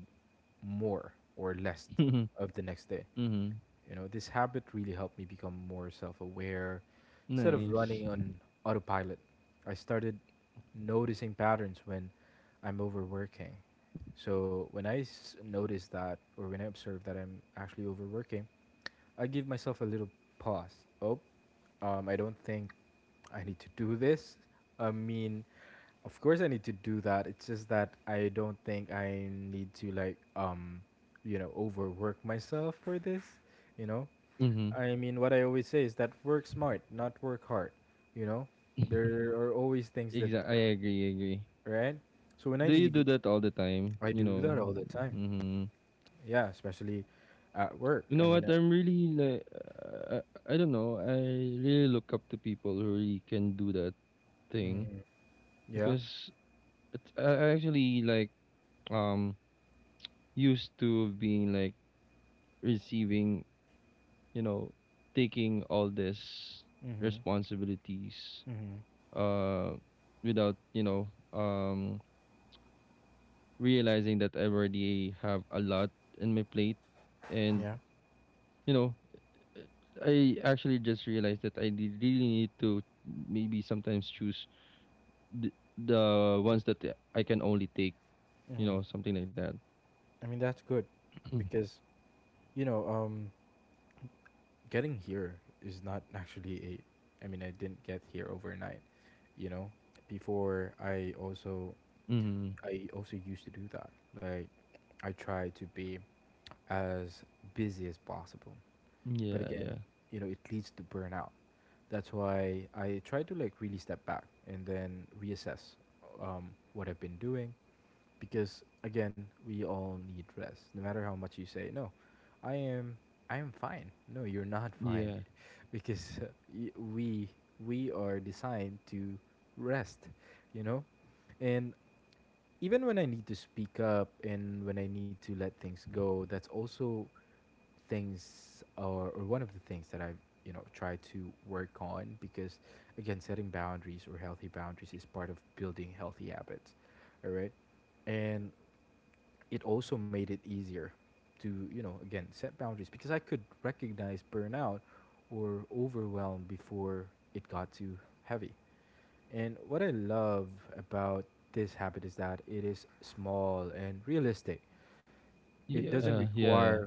more or less of the next day. Hmm. You know, this habit really helped me become more self aware. Instead of Nice. running on autopilot, I started noticing patterns when I'm overworking. So when notice that, or when I observe that I'm actually overworking, I give myself a little pause. Oh, I don't think I need to do this. I mean, of course I need to do that. It's just that I don't think I need to you know, overwork myself for this. You know, Hmm. I mean, what I always say is that work smart, not work hard. You know, there are always things that, Exact I agree, I agree. right? So when I Do you need, do that all the time? I You do that all the know, time. mhm. Yeah, especially at work. You I know mean, what? I'm really like, I don't know. I really look up to people who really can do that thing, hmm, yeah. because I actually like, um used to being like receiving, you know, taking all this Hmm. responsibilities, Hmm. uh without, you know, realizing that I already have a lot in my plate, Yeah. and you know, I actually just realized that I really need to maybe sometimes choose the, the ones that I can only take, you Hmm. know, something like that. I mean, that's good because, you know, getting here is not actually a, I mean, I didn't get here overnight, you know? Before Hmm. I also used to do that. Like, I try to be as busy as possible. But Yeah, again, yeah, you know, it leads to burnout. That's why I try to like really step back and then reassess what I've been doing, because again, we all need rest. No matter how much you say no, I am, I am fine. No, you're not fine, yeah, because y- we we are designed to rest, you know? And even when I need to speak up and when I need to let things go, that's also things, or one of the things that I've, you know, tried to work on, because again, setting boundaries or healthy boundaries is part of building healthy habits, all right? And it also made it easier to, you know, again, set boundaries because I could recognize burnout or overwhelm before it got too heavy. And what I love about this habit is that it is small and realistic. It doesn't yeah, yeah, require,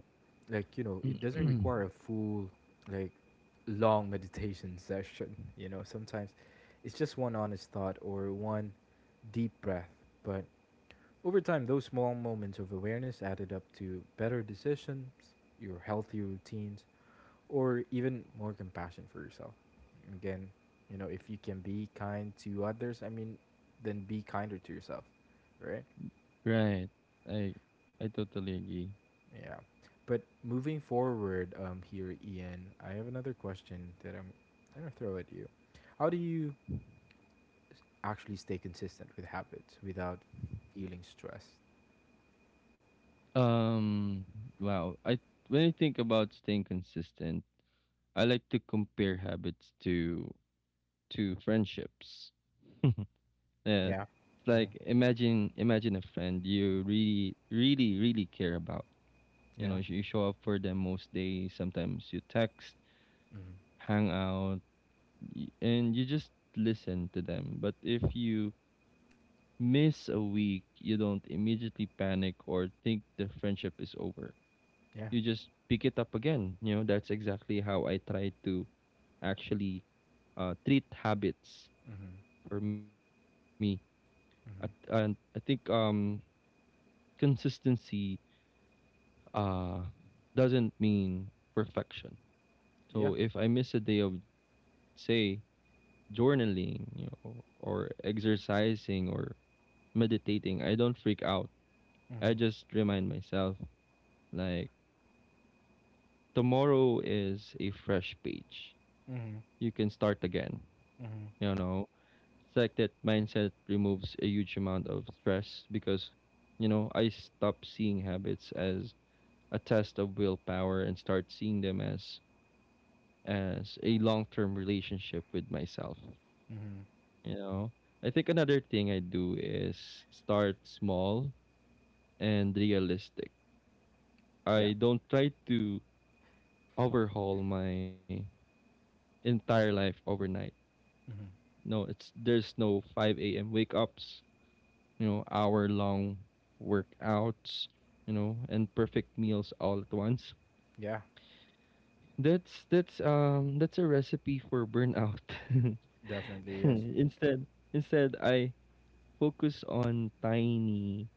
like, you know, it doesn't yeah. require a full, like, long meditation session. You know, sometimes it's just one honest thought or one deep breath, but over time those small moments of awareness added up to better decisions, your healthy routines, or even more compassion for yourself. Again, you know, if you can be kind to others, I mean, then be kinder to yourself, right? Right. I I totally agree. Yeah. But moving forward, here, Ian, I have another question that I'm gonna throw at you. How do you actually stay consistent with habits without feeling stressed? Um, wow. I When I think about staying consistent, I like to compare habits to friendships. Uh, Yeah. like, imagine a friend you really really really care about. Yeah. You know, you show up for them most days. Sometimes you text, Mm-hmm. hang out, and you just listen to them. But if you miss a week, you don't immediately panic or think the friendship is over. Yeah. You just pick it up again, you know. That's exactly how I try to actually, treat habits Mm-hmm. for me. I, and I Mm-hmm. think, consistency uh doesn't mean perfection. Yeah. So if I miss a day of, say, journaling, you know, or exercising or meditating, I don't freak out. Mm-hmm. I just remind myself, like, tomorrow is a fresh page. Mm-hmm. You can start again. Mm-hmm. You know, it's like that mindset removes a huge amount of stress, because, you know, I stop seeing habits as a test of willpower and start seeing them as a long-term relationship with myself. Mm-hmm. You know, I think another thing I do is start small and realistic. Yeah. I don't try to overhaul my entire life overnight. Mm-hmm. No, it's there's no 5 a.m. wake ups, you know, hour long workouts, you know, and perfect meals all at once. Yeah. That's a recipe for burnout. Definitely yes. instead instead, I focus on tiny,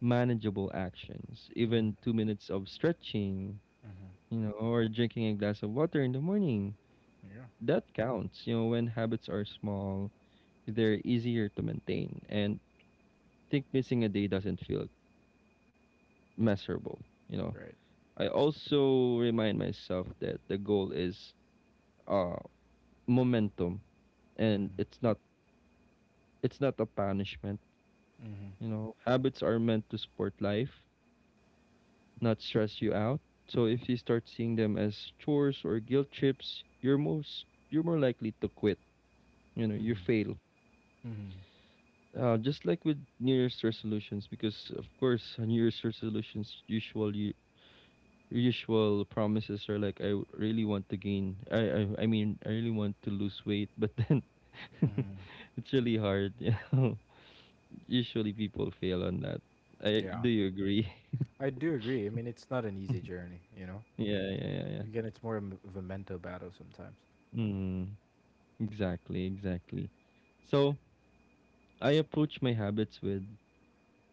manageable actions. Mm-hmm. Even 2 minutes of stretching, Mm-hmm. you know, or drinking a glass of water in the morning. Yeah. That counts. You know, when habits are small, they're easier to maintain. And I think missing a day doesn't feel miserable, you know. Right. I also remind myself that the goal is uh momentum, and Mm-hmm. it's not a punishment. Mm-hmm. You know, habits are meant to support life, not stress you out. So if you start seeing them as chores or guilt trips, you're more likely to quit. You know, you fail. Mm-hmm. Mm-hmm. Just like with New Year's resolutions. Because of course, New Year's resolutions, usual promises are like, really want to gain. I mean, I really want to lose weight, but then Mm-hmm. it's really hard, you know. Usually people fail on that. I Yeah. do. You agree? I do agree. I mean, it's not an easy journey, you know. Yeah, yeah, yeah, yeah. Again, it's more of a mental battle sometimes. Mm-hmm. Exactly, exactly. So I approach my habits with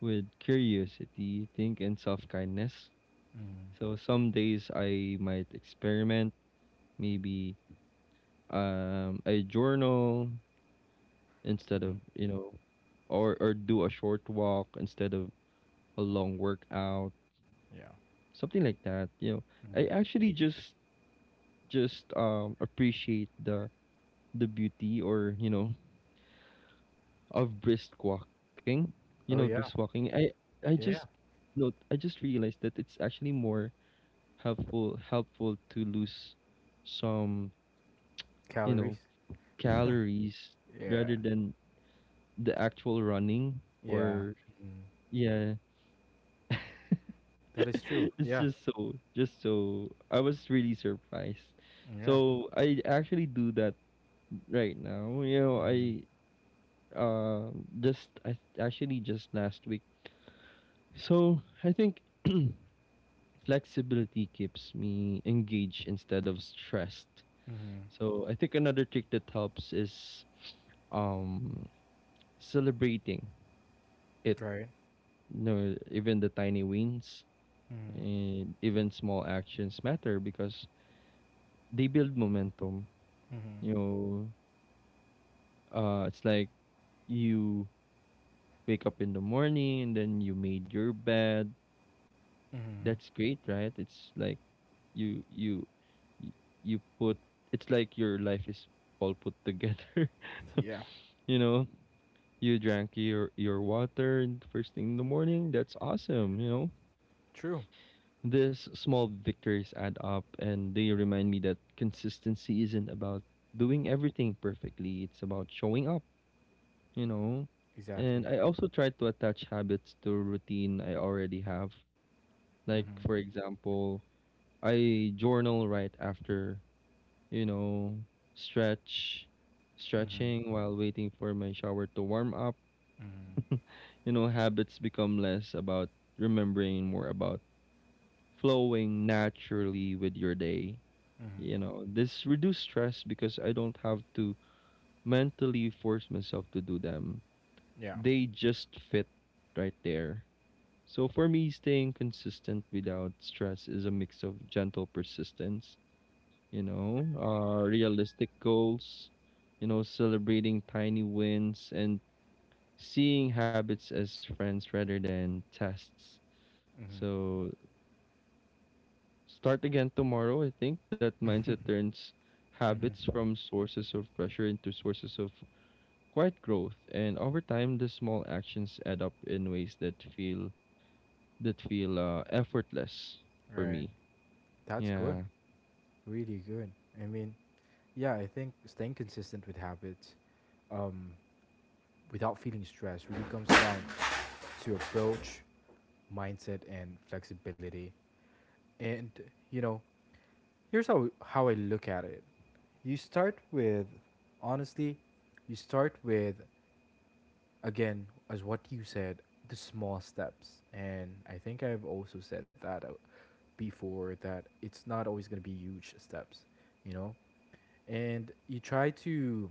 with curiosity, think, and self kindness. Mm-hmm. So some days I might experiment. Maybe I journal instead of, Mm-hmm. you know, or do a short walk instead of a long workout, Yeah. something like that. You know, I Mm-hmm. actually just appreciate the beauty, or you know, of brisk walking, you know. Oh Brisk yeah, walking, I just yeah. No, I just realized that it's actually more helpful to lose some, you Calories. know, calories rather Yeah, than the actual running. yeah. Or Hmm. yeah. That is true. It's Yeah. Just so I was really surprised. Mm-hmm. Yeah. So I actually do that right now. You know, Mm-hmm. Uh I actually just last week. So I think. Flexibility keeps me engaged instead of stressed. Mm-hmm. So I think another trick that helps is um celebrating it. Right. You know, even the tiny wins Mm-hmm. and even small actions matter because they build momentum. Mm-hmm. You know, it's like you wake up in the morning and then you made your bed. Mm-hmm. That's great, right? It's like you you you put it's like your life is all put together. Yeah, You know, you drank your water in the first thing in the morning. That's awesome, you know. true. These small victories add up and they remind me that consistency isn't about doing everything perfectly. It's about showing up, you know. Exactly. And I also try to attach habits to routine I already have. Like, Mhm, for example, I journal right after, you know, stretch, mhm, stretching while waiting for my shower to warm up. mhm, You know, habits become less about remembering, and more about flowing naturally with your day. mhm. You know, this reduce stress because I don't have to mentally force myself to do them. Yeah. They just fit right there. So for me, staying consistent without stress is a mix of gentle persistence, you know, realistic goals, you know, celebrating tiny wins and seeing habits as friends rather than tests. Mhm, So start again tomorrow. I think that mindset turns mhm. habits from sources of pressure into sources of quiet growth. And over time, the small actions add up in ways that feel effortless for Right. me. That's good. Yeah. Really good. I mean, yeah, I think staying consistent with habits um without feeling stressed really comes down to approach, mindset, and flexibility. And, you know, here's how I look at it. you start with, honestly, you start with, again, as what you said, the small steps. And I think I've also said that, before, that it's not always going to be huge steps, you know? And you try to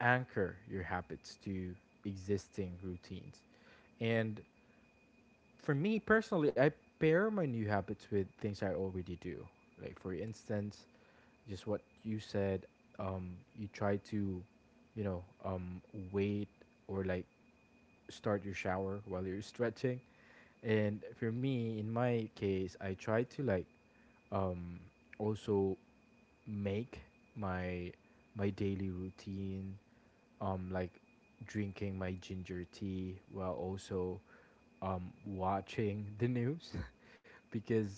anchor your habits to existing routines. And for me personally, I pair my new habits with things I already do. Like for instance, just what you said, um, you try to, you know, wait, or like, start your shower while you're stretching. And for me, in my case, I try to like um, also make my my daily routine, like drinking my ginger tea while also watching the news, because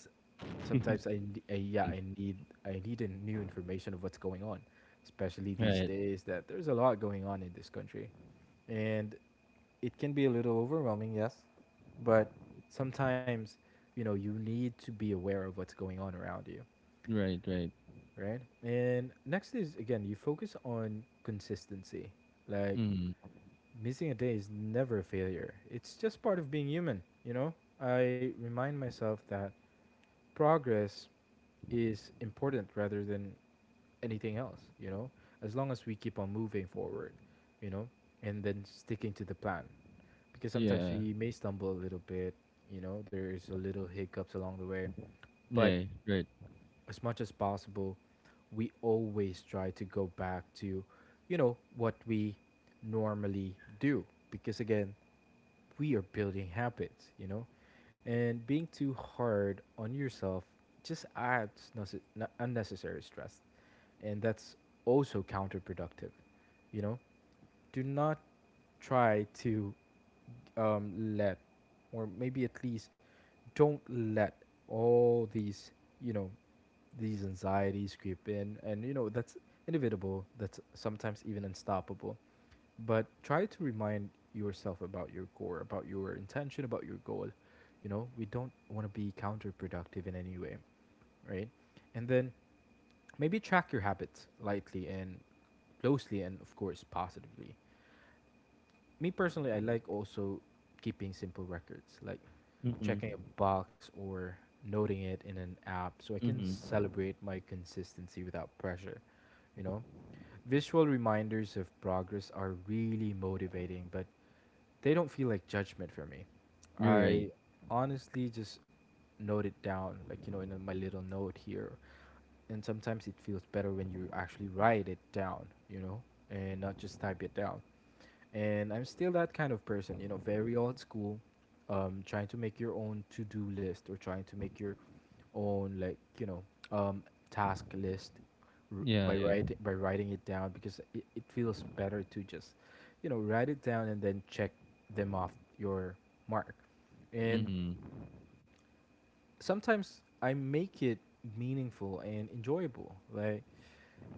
sometimes I yeah I need, I need a new information of what's going on, especially these Right. days that there's a lot going on in this country, and it can be a little overwhelming, yes, but sometimes, you know, you need to be aware of what's going on around you, Right. Right. right? And next is again, you focus on consistency. Like, Mm. missing a day is never a failure. It's just part of being human, you know? I remind myself that progress is important rather than anything else, you know? As long as we keep on moving forward, you know, and then sticking to the plan. Because sometimes Yeah. we may stumble a little bit, you know, there's a little hiccups along the way, but Yeah. Right. as much as possible, we always try to go back to, you know, what we normally do. Because again, we are building habits, you know? And being too hard on yourself just adds unnecessary stress. And that's also counterproductive, you know? Do not try to um, let, or maybe at least don't let all these, you know, these anxieties creep in, and you know that's inevitable, that's sometimes even unstoppable, but try to remind yourself about your core, about your intention, about your goal. You know, we don't want to be counterproductive in any way, right? And then maybe track your habits lightly and closely, and of course positively. Me personally, I like also keeping simple records like Mm-mm. checking a box or noting it in an app so I can Mm-hmm. celebrate my consistency without pressure. You know, visual reminders of progress are really motivating, but they don't feel like judgment for me. You're I right. honestly just note it down, like, you know, in my little note here. And sometimes it feels better when you actually write it down, you know, and not just type it down, and I'm still that kind of person, you know, very old school, trying to make your own to do list, or trying to make your own like, you know, um, task list, by Yeah, yeah. writing it down, because it feels better to just, you know, write it down and then check them off your mark. And Mm-hmm. sometimes I make it meaningful and enjoyable, like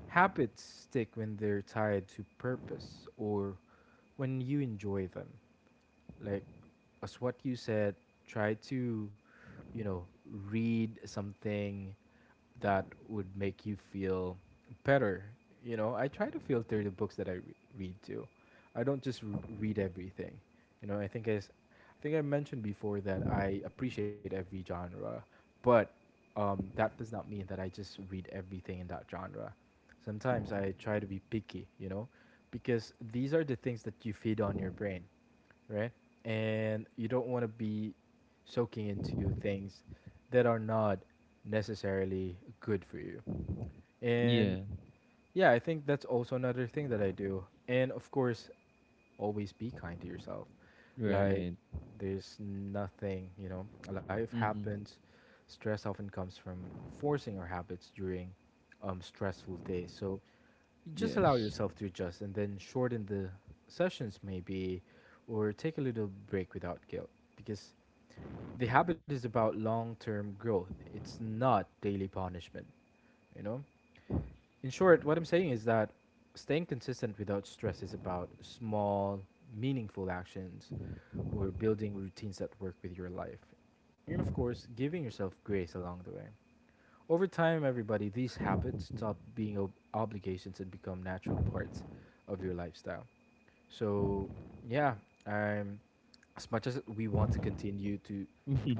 habits stick when they're tied to purpose or when you enjoy them, like as what you said, try to, you know, read something that would make you feel better. You know, I try to filter the books that read too. I don't just read everything. You know, I think I mentioned before that I appreciate every genre, but that does not mean that I just read everything in that genre. Sometimes I try to be picky, you know, because these are the things that you feed on your brain, right? And you don't want to be soaking into things that are not necessarily good for you. And Yeah, yeah, I think that's also another thing that I do. And of course, always be kind to yourself. Like, right. there's nothing, you know, life Mm-hmm. happens. Stress often comes from forcing our habits during stressful days. So just allow Yes. yourself to adjust and then shorten the sessions, maybe, or take a little break without guilt, because the habit is about long term growth. It's not daily punishment, you know? In short, what I'm saying is that staying consistent without stress is about small, meaningful actions, or building routines that work with your life. And of course, giving yourself grace along the way. Over time, everybody, these habits stop being obligations and become natural parts of your lifestyle. So, yeah, I'm, as much as we want to continue to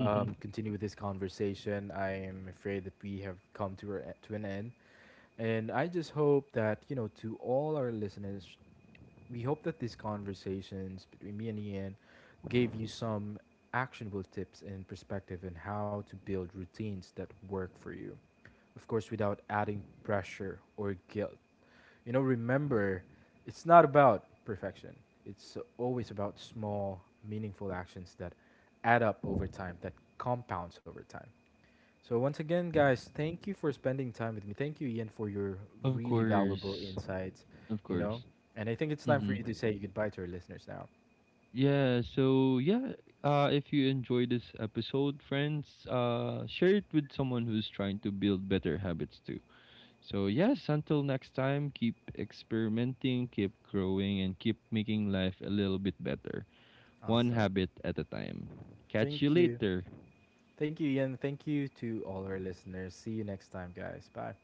um, continue with this conversation, I'm afraid that we have come to to an end. And I just hope that, you know, to all our listeners, we hope that these conversations between me and Ian gave you some actionable tips and perspective on how to build routines that work for you, of course, without adding pressure or guilt. You know, remember, it's not about perfection, it's always about small, meaningful actions that add up over time, that compounds over time. So, once again, guys, thank you for spending time with me. Thank you, Ian, for your Of really valuable course. insights. Of You course. know, and I think it's time Mm-hmm. for you to say goodbye to our listeners now. Yeah, so yeah, if you enjoyed this episode, friends, share it with someone who's trying to build better habits too. So yes, until next time, keep experimenting, keep growing, and keep making life a little bit better, one Awesome. habit at a time. Catch Thank you you. later. Thank you, Ian. Thank you to all our listeners. See you next time, guys. Bye.